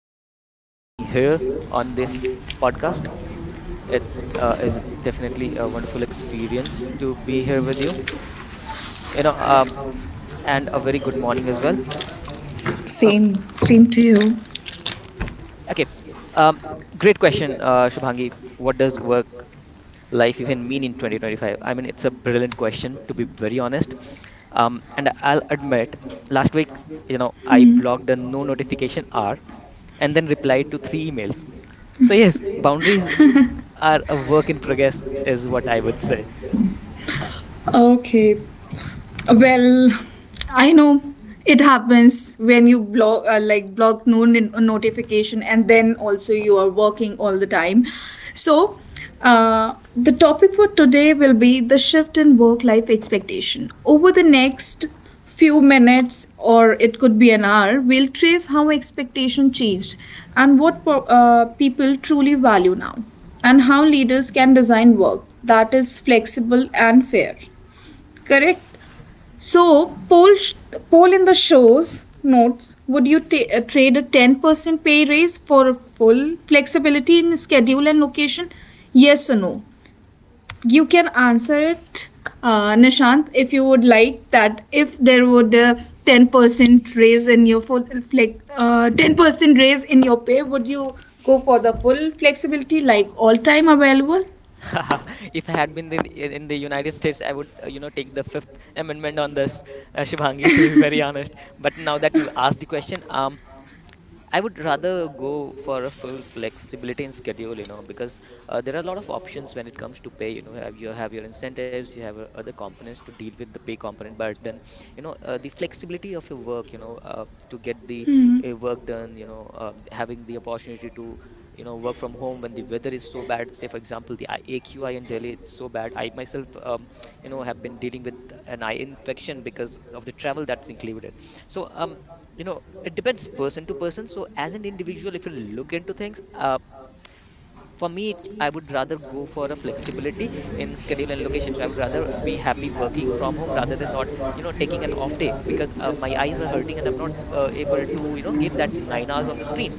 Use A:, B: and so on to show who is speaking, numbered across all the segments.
A: thank you for having me here on this podcast. It is definitely a wonderful experience to be here with you. You know, um, and a very good morning as well. Uh,
B: Same, same to you.
A: okay, um, Great question, Shubhangi. What does work life even mean in 2025? I mean, it's a brilliant question, to be very honest. And I'll admit, last week, I blocked the no notification hour and then replied to 3 emails. So yes, boundaries are a work in progress, is what I would say.
B: Okay, well, I know it happens when you block like block no notification and then also you are working all the time. So, the topic for today will be the shift in work life expectation. Over the next few minutes or it could be an hour, we'll trace how expectation changed and what people truly value now and how leaders can design work that is flexible and fair. Correct?
A: Yep.
B: So, poll in the show's notes. Would you trade a 10% pay raise for a full flexibility in schedule and location? Yes or no? You can answer it, Nishant, if you would like that. If there would a 10% raise in your 10% raise in your pay, would you go for the full flexibility like all time available?
A: If I had been in the United States, I would, take the Fifth Amendment on this, Shubhangi, to be very honest. But now that you asked the question, I would rather go for a full flexibility in schedule, you know, because there are a lot of options when it comes to pay. Have you have your incentives, you have other components to deal with the pay component, but then, the flexibility of your work, to get the
B: Hmm.
A: work done, having the opportunity to, you know, work from home when the weather is so bad. Say, for example, the AQI in Delhi, it's so bad. I myself, you know, have been dealing with an eye infection because of the travel that's included. So, you know, it depends person to person. So as an individual, if you look into things, for me, I would rather go for a flexibility in schedule and location. So I would rather be happy working from home rather than not, you know, taking an off day because my eyes are hurting and I'm not able to, you know, give that 9 hours on the screen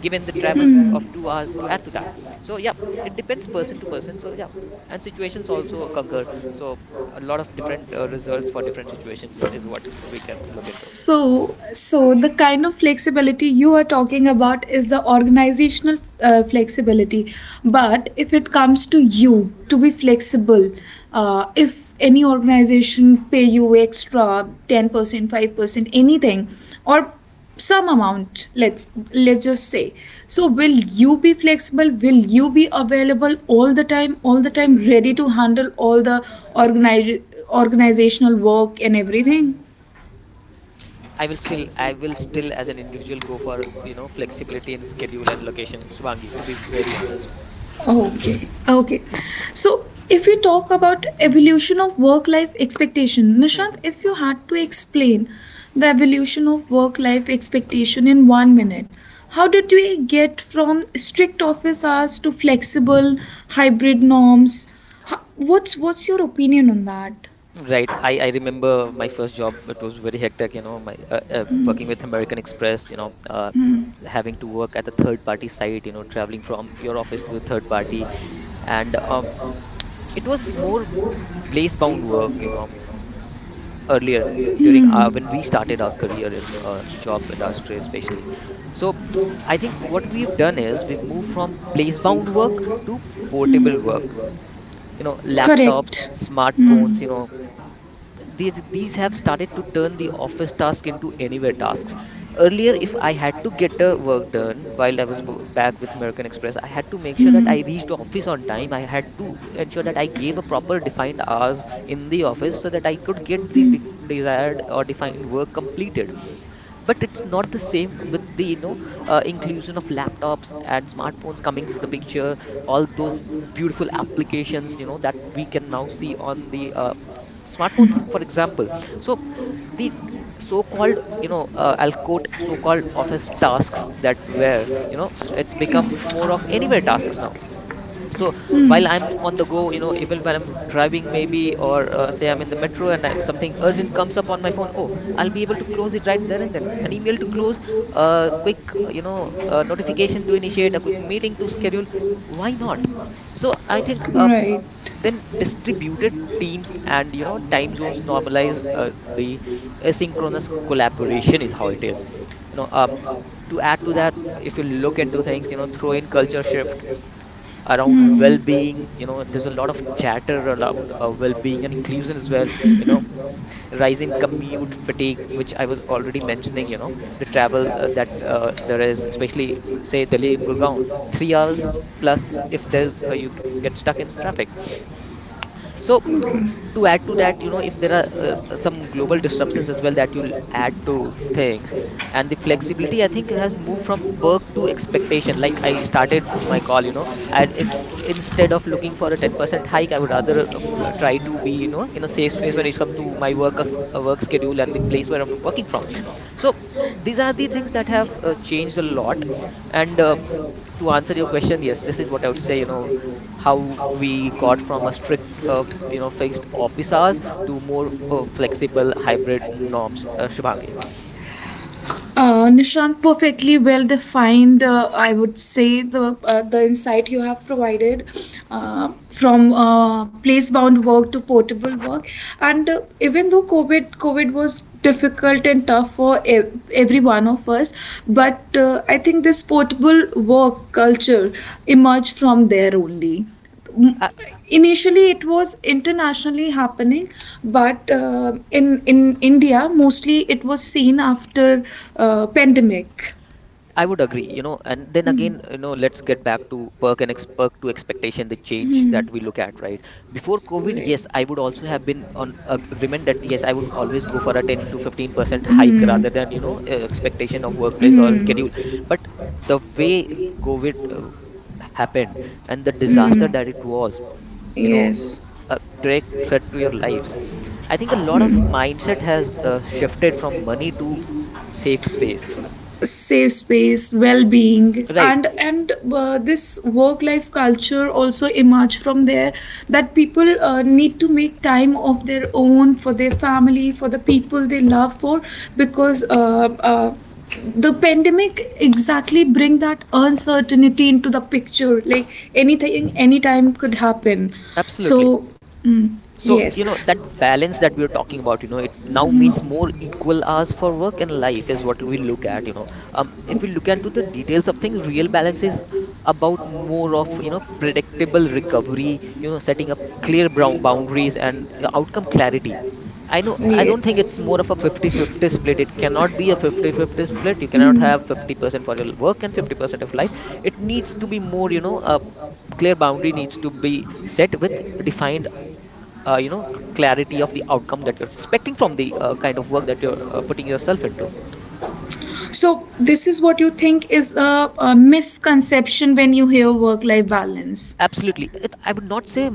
A: given the travel of 2 hours to add to that. So yeah, it depends person to person. So yeah, and situations also concur. So a lot of different results for different situations is what we can look into.
B: So, so the kind of flexibility you are talking about is the organizational flexibility. But if it comes to you to be flexible, if any organization pay you extra 10%, 5%, anything, or some amount, let's just say. So, will you be flexible? Will you be available all the time, all the time ready to handle all the organize, organizational work and everything?
A: I will still, as an individual, go for, you know, flexibility in schedule and location, Shivangi. To be very honest.
B: Okay, okay. So, if we talk about evolution of work-life expectation, Nishant,
A: Mhm.
B: if you had to explain the evolution of work-life expectation in 1 minute, how did we get from strict office hours to flexible hybrid norms? What's your opinion on that?
A: Right? I remember my first job. It was very hectic. You know, my working with American Express. You know, having to work at a third party site. You know, traveling from your office to a third party, and it was more place bound work. You know, earlier when we started our career in the job industry especially. So I think what we've done is we've moved from place bound work to portable work, you know, laptops,
B: Correct. Hmm.
A: smartphones, you know, these have started to turn the office task into anywhere tasks. Earlier if I had to get a work done while I was back with American Express, I had to make sure that I reached the office on time. I had to ensure that I gave a proper defined hours in the office so that I could get the desired or defined work completed. But it's not the same with the, you know, inclusion of laptops and smartphones coming into the picture, all those beautiful applications, you know, that we can now see on the, smartphones for example. So the so-called, you know, I'll quote, so-called office tasks that were, you know, it's become more of anywhere tasks
B: Yeah.
A: now. So while I'm on the go, you know, even when I'm driving maybe, or say I'm in the metro and something urgent comes up on my phone, oh, I'll be able to close it right there and then. An email to close, a quick notification to initiate, a quick meeting to schedule, why not? So I think, then distributed teams and, you know, time zones normalize, the asynchronous collaboration is how it is, you know. To add to that, if you look into things, you know, throw in culture shift around well-being, you know, there's a lot of chatter around well-being and inclusion as well, you know, rising commute fatigue, which I was already mentioning, you know, the travel, that there is, especially, say Delhi and Gurgaon, 3 hours plus if there's, get stuck in traffic. So to add to that, you know, if there are, some global disruptions as well that you'll add to things. And the flexibility, I think, has moved from perk to expectation. Like I started my call, you know, instead of looking for a 10% hike, I would rather try to be, you know, in a safe space when it comes to my work, work schedule and the place where I'm working from. So these are the things that have changed a lot. And to answer your question, yes, this is what I would say. You know, how we got from a strict, you know, fixed office hours to more flexible hybrid norms, Shubhangi.
B: Nishant, perfectly well defined. I would say the insight you have provided from place bound work to portable work, and even though COVID was difficult and tough for every one of us, but I think this portable work culture emerged from there only.
A: Uh,
B: Initially it was internationally happening, but in india mostly it was seen after pandemic.
A: I would agree, you know, and then again, you know, let's get back to perk and ex perk to expectation, the change that we look at, right? Before COVID,
B: Right.
A: yes, I would also have been on agreement that yes, I would always go for a 10 to 15% hike
B: Hmm.
A: rather than, you know, expectation of workplace or
B: Hmm.
A: schedule. But the way COVID happened and the disaster
B: Hmm.
A: that it was, you know,
B: Yes.
A: a direct threat to your lives, I think a lot of mindset has shifted from money to safe space,
B: Safe space, well-being,
A: right?
B: and this work-life culture also emerged from there. That people need to make time of their own for their family, for the people they love. For because uh, the pandemic exactly bring that uncertainty into the picture like anything anytime could happen. So,
A: Absolutely.
B: mm,
A: So
B: yes.
A: you know that balance that we're talking about, you know, it now means more equal hours for work and life is what we look at, you know. If we look into the details of things, real balance is about more of, you know, predictable recovery, you know, setting up clear
B: Mhm.
A: boundaries and, outcome clarity. I know, I don't think
B: Yes.
A: it's more of a 50-50 split. It cannot be a 50-50 split. You cannot
B: Mm.
A: have 50% for your work and 50% of life. It needs to be more, you know, a clear boundary needs to be set with defined, uh, you know clarity of the outcome that you're expecting from the, kind of work that you're, putting yourself into.
B: So this is what you think is a misconception when you hear work life balance.
A: Absolutely. It, I would not say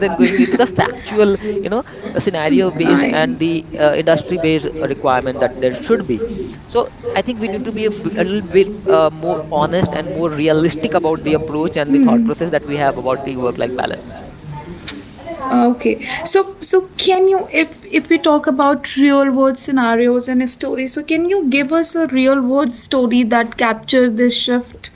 B: Ah, okay. So, so can you, if we talk about real world scenarios and stories, so can you give us a real world story that captured this shift?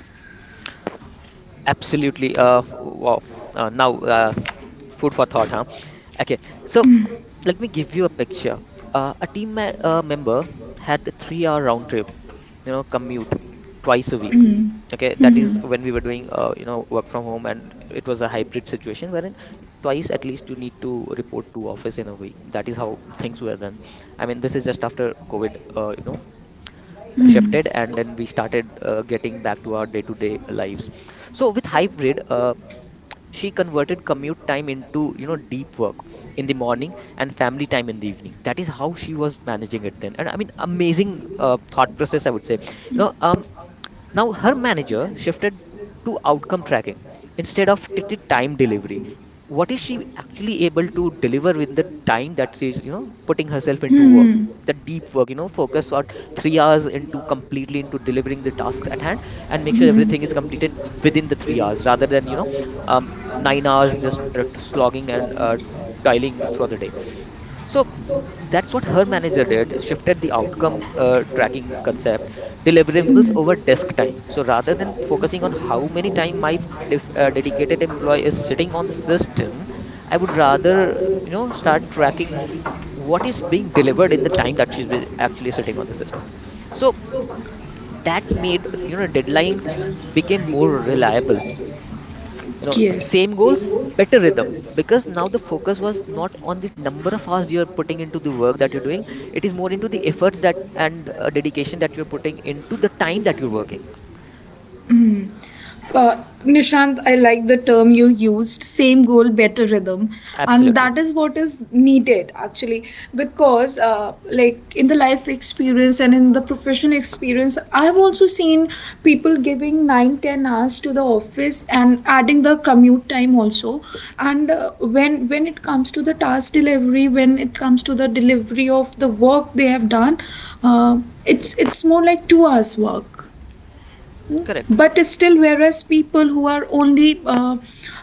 B: Mm. Mm. Mm. Mm. Yes. Nishant, I like the term you used, same goal, better rhythm. And that is what is needed actually. Because, like, in the life experience and in the professional experience, I've also seen people giving 9, 10 hours to the office and adding the commute time also. And when it comes to the task delivery, when it comes to the delivery of the work they have done, uh, it's more like 2 hours work. But still, whereas people who are only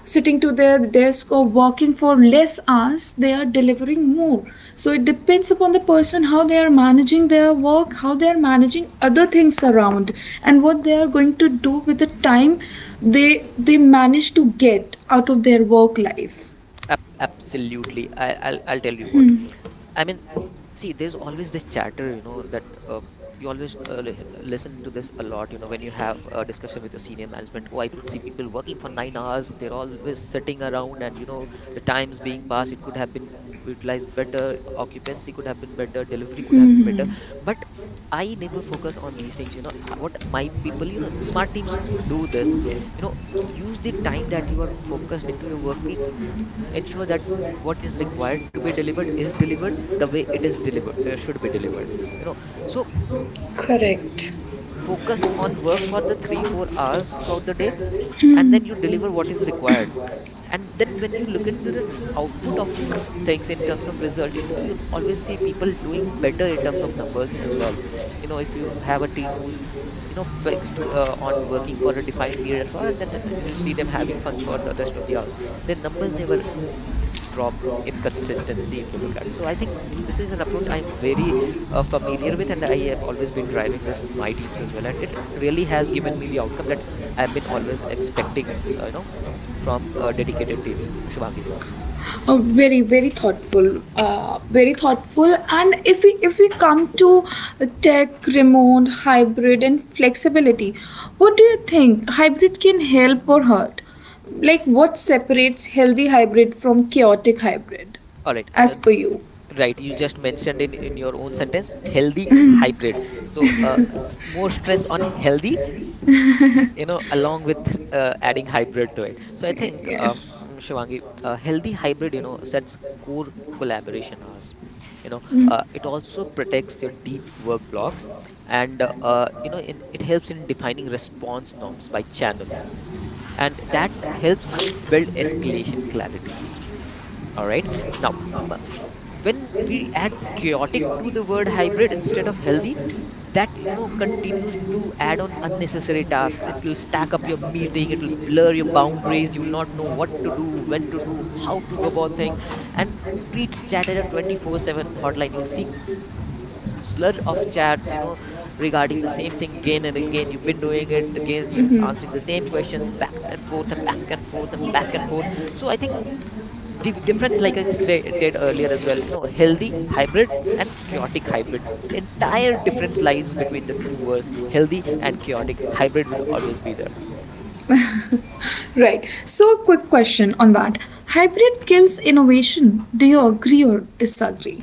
B: sitting to their desk or working for less hours, they are delivering more. So it depends upon the person how they are managing their work, how they are managing other things around, and what they are going to do with the time they manage to get out of their work life. Mm-hmm. Correct. Very very thoughtful, very thoughtful. And if we come to tech remote hybrid and flexibility, what do you think hybrid can help or hurt? Like what separates healthy hybrid from chaotic hybrid, as per you? Yes. Right. So, quick question on that. Hybrid kills innovation. Do you agree or disagree?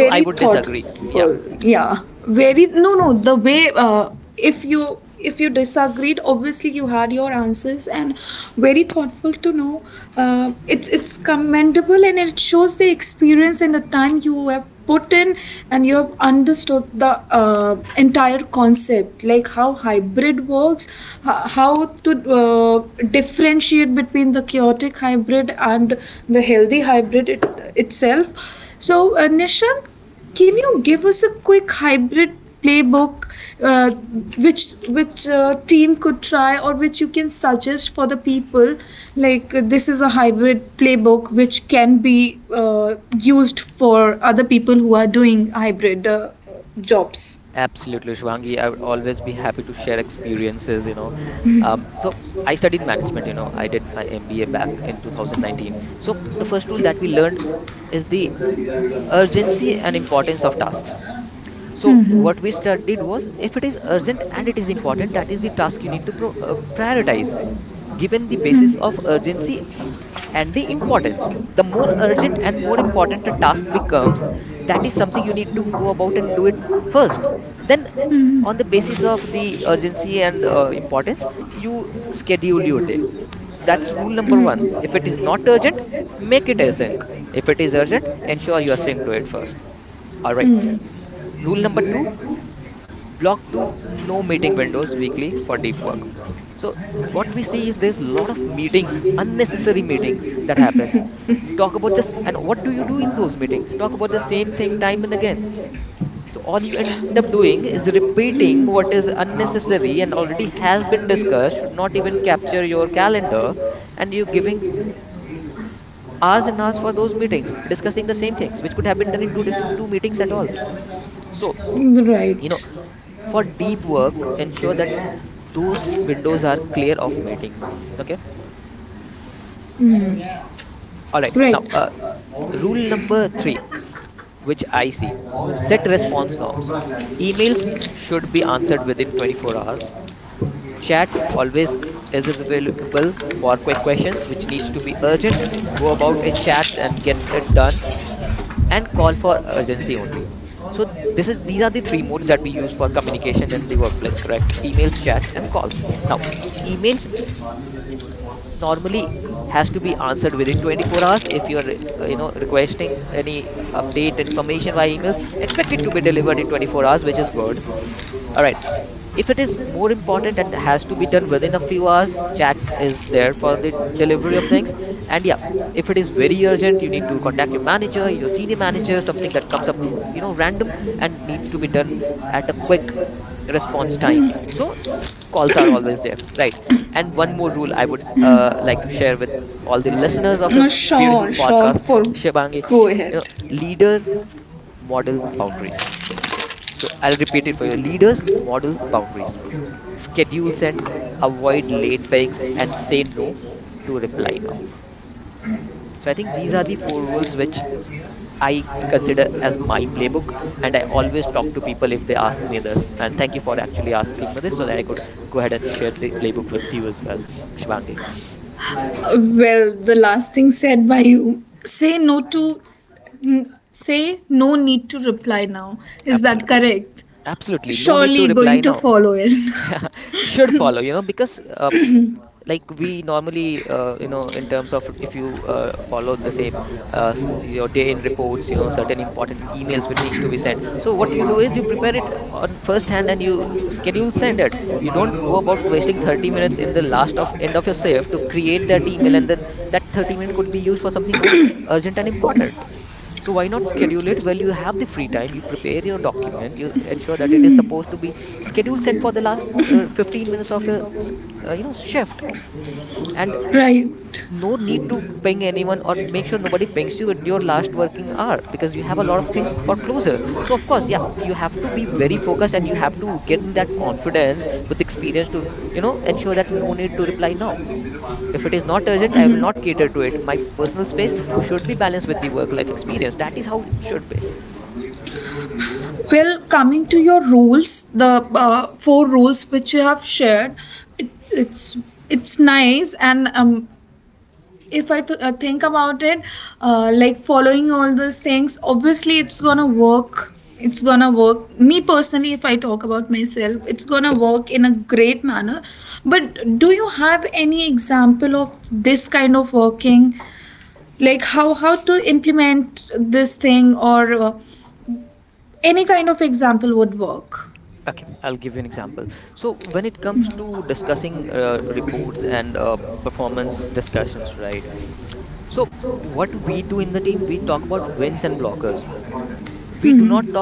B: Very thoughtful. Yeah, very no no. The way if you disagreed obviously you had your answers, and very thoughtful to know. Uh, it's commendable and it shows the experience and the time you have put in, and you have understood the entire concept like how hybrid works. How to differentiate between the chaotic hybrid and the healthy hybrid itself. So, Nishant, can you give us a quick hybrid playbook uh, which team could try, or which you can suggest for the people? Like this is a hybrid playbook which can be used for other people who are doing hybrid jobs. Mm-hmm. Mm, right. Mm, right. Sure. Sure. For go ahead. Well, the last thing said by you, say no to say no need to reply now. Is that correct? Surely going to follow it. Right. Well, coming to your rules, the 4 rules which you have shared, it's nice and if I think about it, like following all those things, obviously it's gonna work. It's gonna work. Me personally, if I talk about myself, it's gonna work in a great manner. But do you have any example of this kind of working? Like how to implement this thing, or any kind of example would work. Hmm.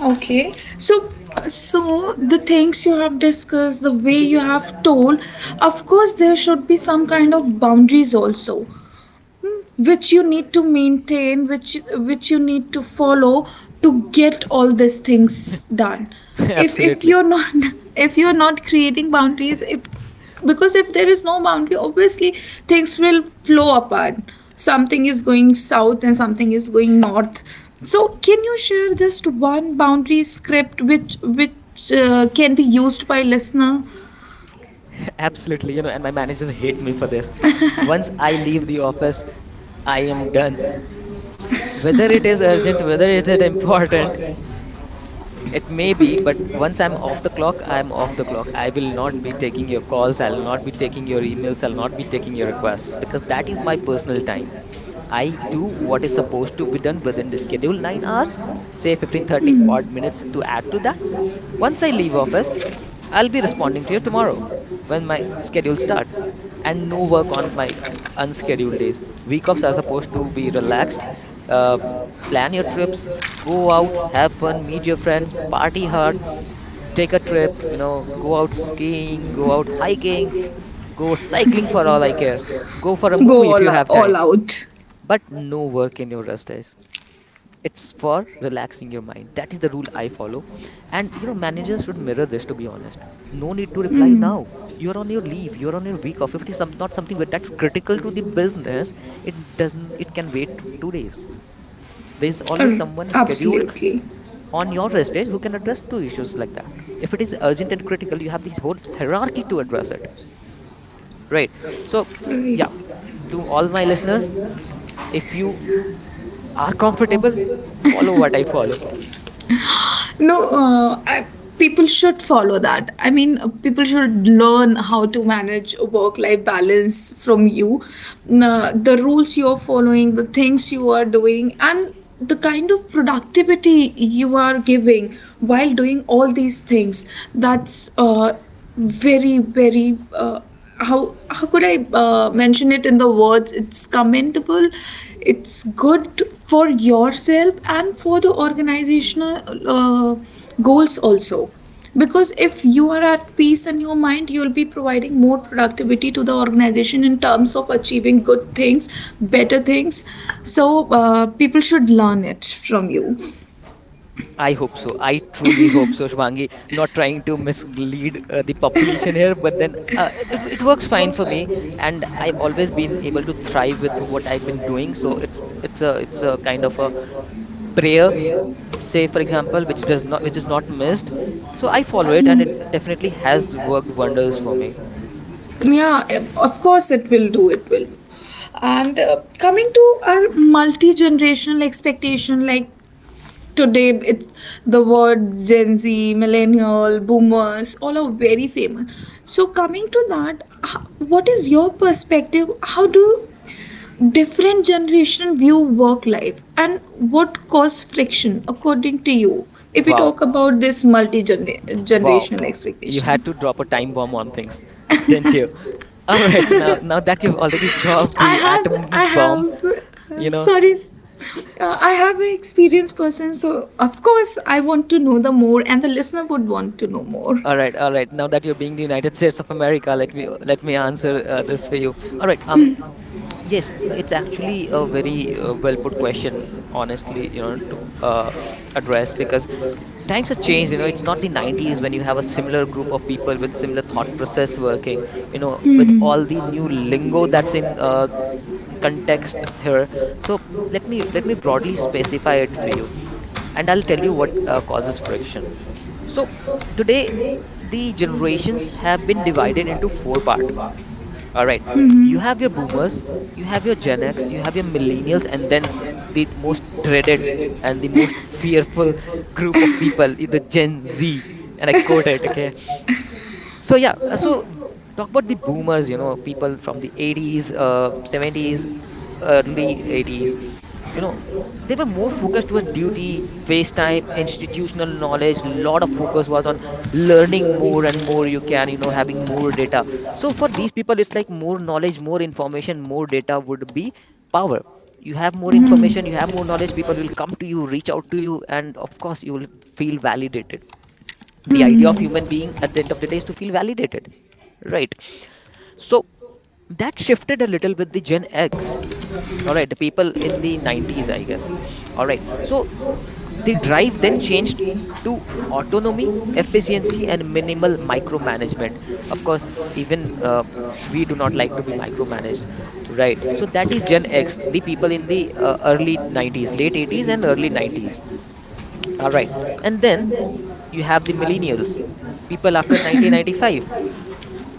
B: Okay. So so the things you have discussed, the way you have told, of course there should be some kind of boundaries also which you need to maintain, which you need to follow to get all these things done. If you're not if you're not creating boundaries, if, because if there is no boundary, obviously things will flow apart. Something is going south and something is going north. So can you share just one boundary script which can be used by listener? go all, all out. Uh, absolutely right. No, people should follow that. I mean, people should learn how to manage a work life balance from you. The rules you're following, the things you are doing, and the kind of productivity you are giving while doing all these things. That's very very how could I mention it in the words? It's commendable. It's good for yourself and for the organizational uh, goals also. Because if you are at peace in your mind, you'll be providing more productivity to the organization in terms of achieving good things, better things. So people should learn it from you. Yeah, of course it will do. It will. And coming to our multi-generational expectation, like today, it's the word Gen Z, millennial, boomers, all are very famous. So coming to that, what is your perspective? How do different generation view work life, and what cause friction according to you? If we talk about this multi-generational expectation. Sorry, I have an experienced person, so of course I want to know the more, and the listener would want to know more. Hmm. Hmm.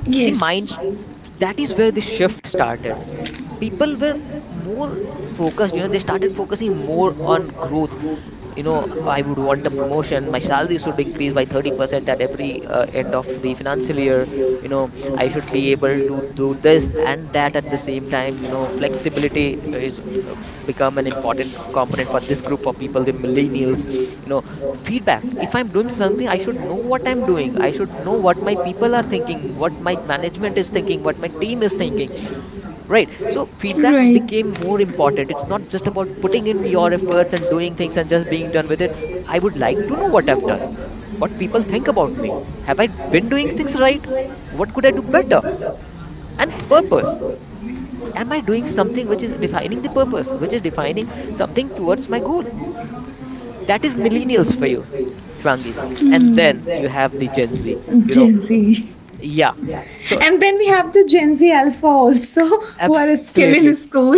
B: Yes. Right. Gen Z. And then we have the Gen Z Alpha also, who are still in school.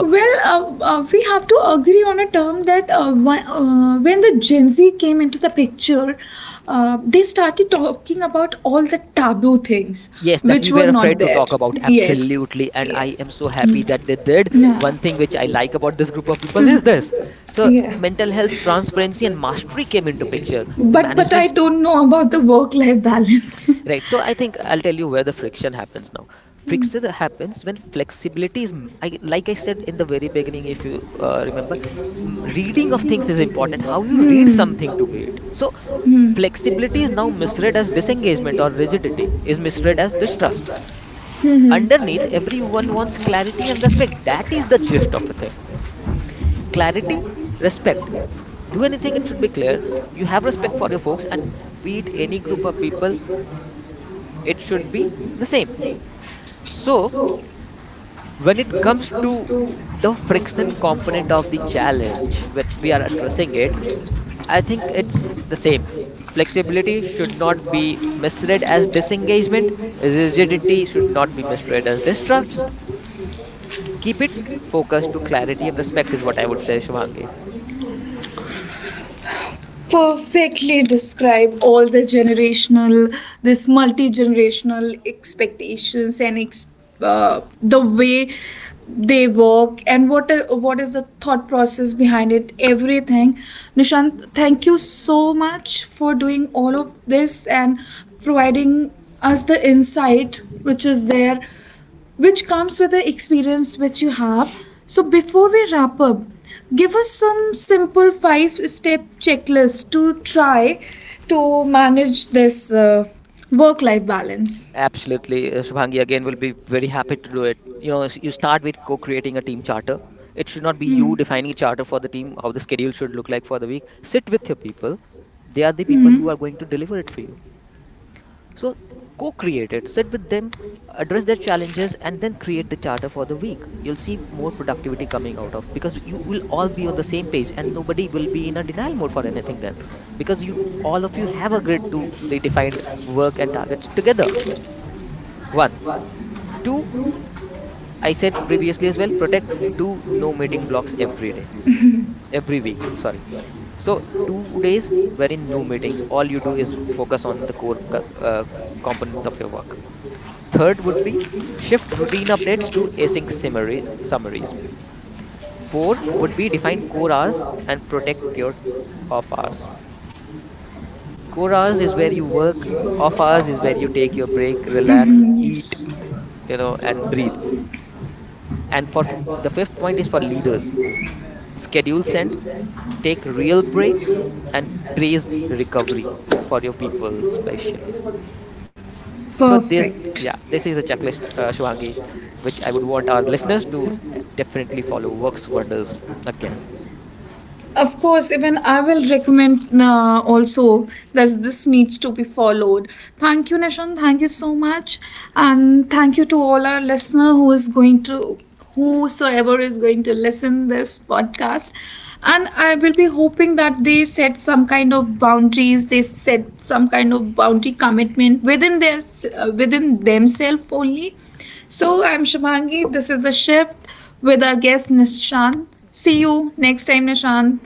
B: Well, we have to agree on a term that when the Gen Z came into the picture, they started talking about all the taboo things which were not there. Yes, yes. Yeah. Yeah. But I don't know about the work life balance. Perfectly describe all the generational, this multi generational expectations and the way they work and what what is the thought process behind it. Everything, Nishant, thank you so much for doing all of this and providing us the insight which is there, which comes with the experience which you have. So before we wrap up, give us some simple 5 step checklist to try to manage this work life balance. Mhm, yes. Perfect. Of course even I will recommend also that this needs to be followed. Thank you Nishan, thank you so much. And thank you to all our listener who is going to, whosoever is going to listen this podcast. And I will be hoping that they set some kind of boundaries, they set some kind of boundary commitment within their within themselves only. So I'm Shubhangi. This is the shift with our guest Nishan. See you next time, Nishan.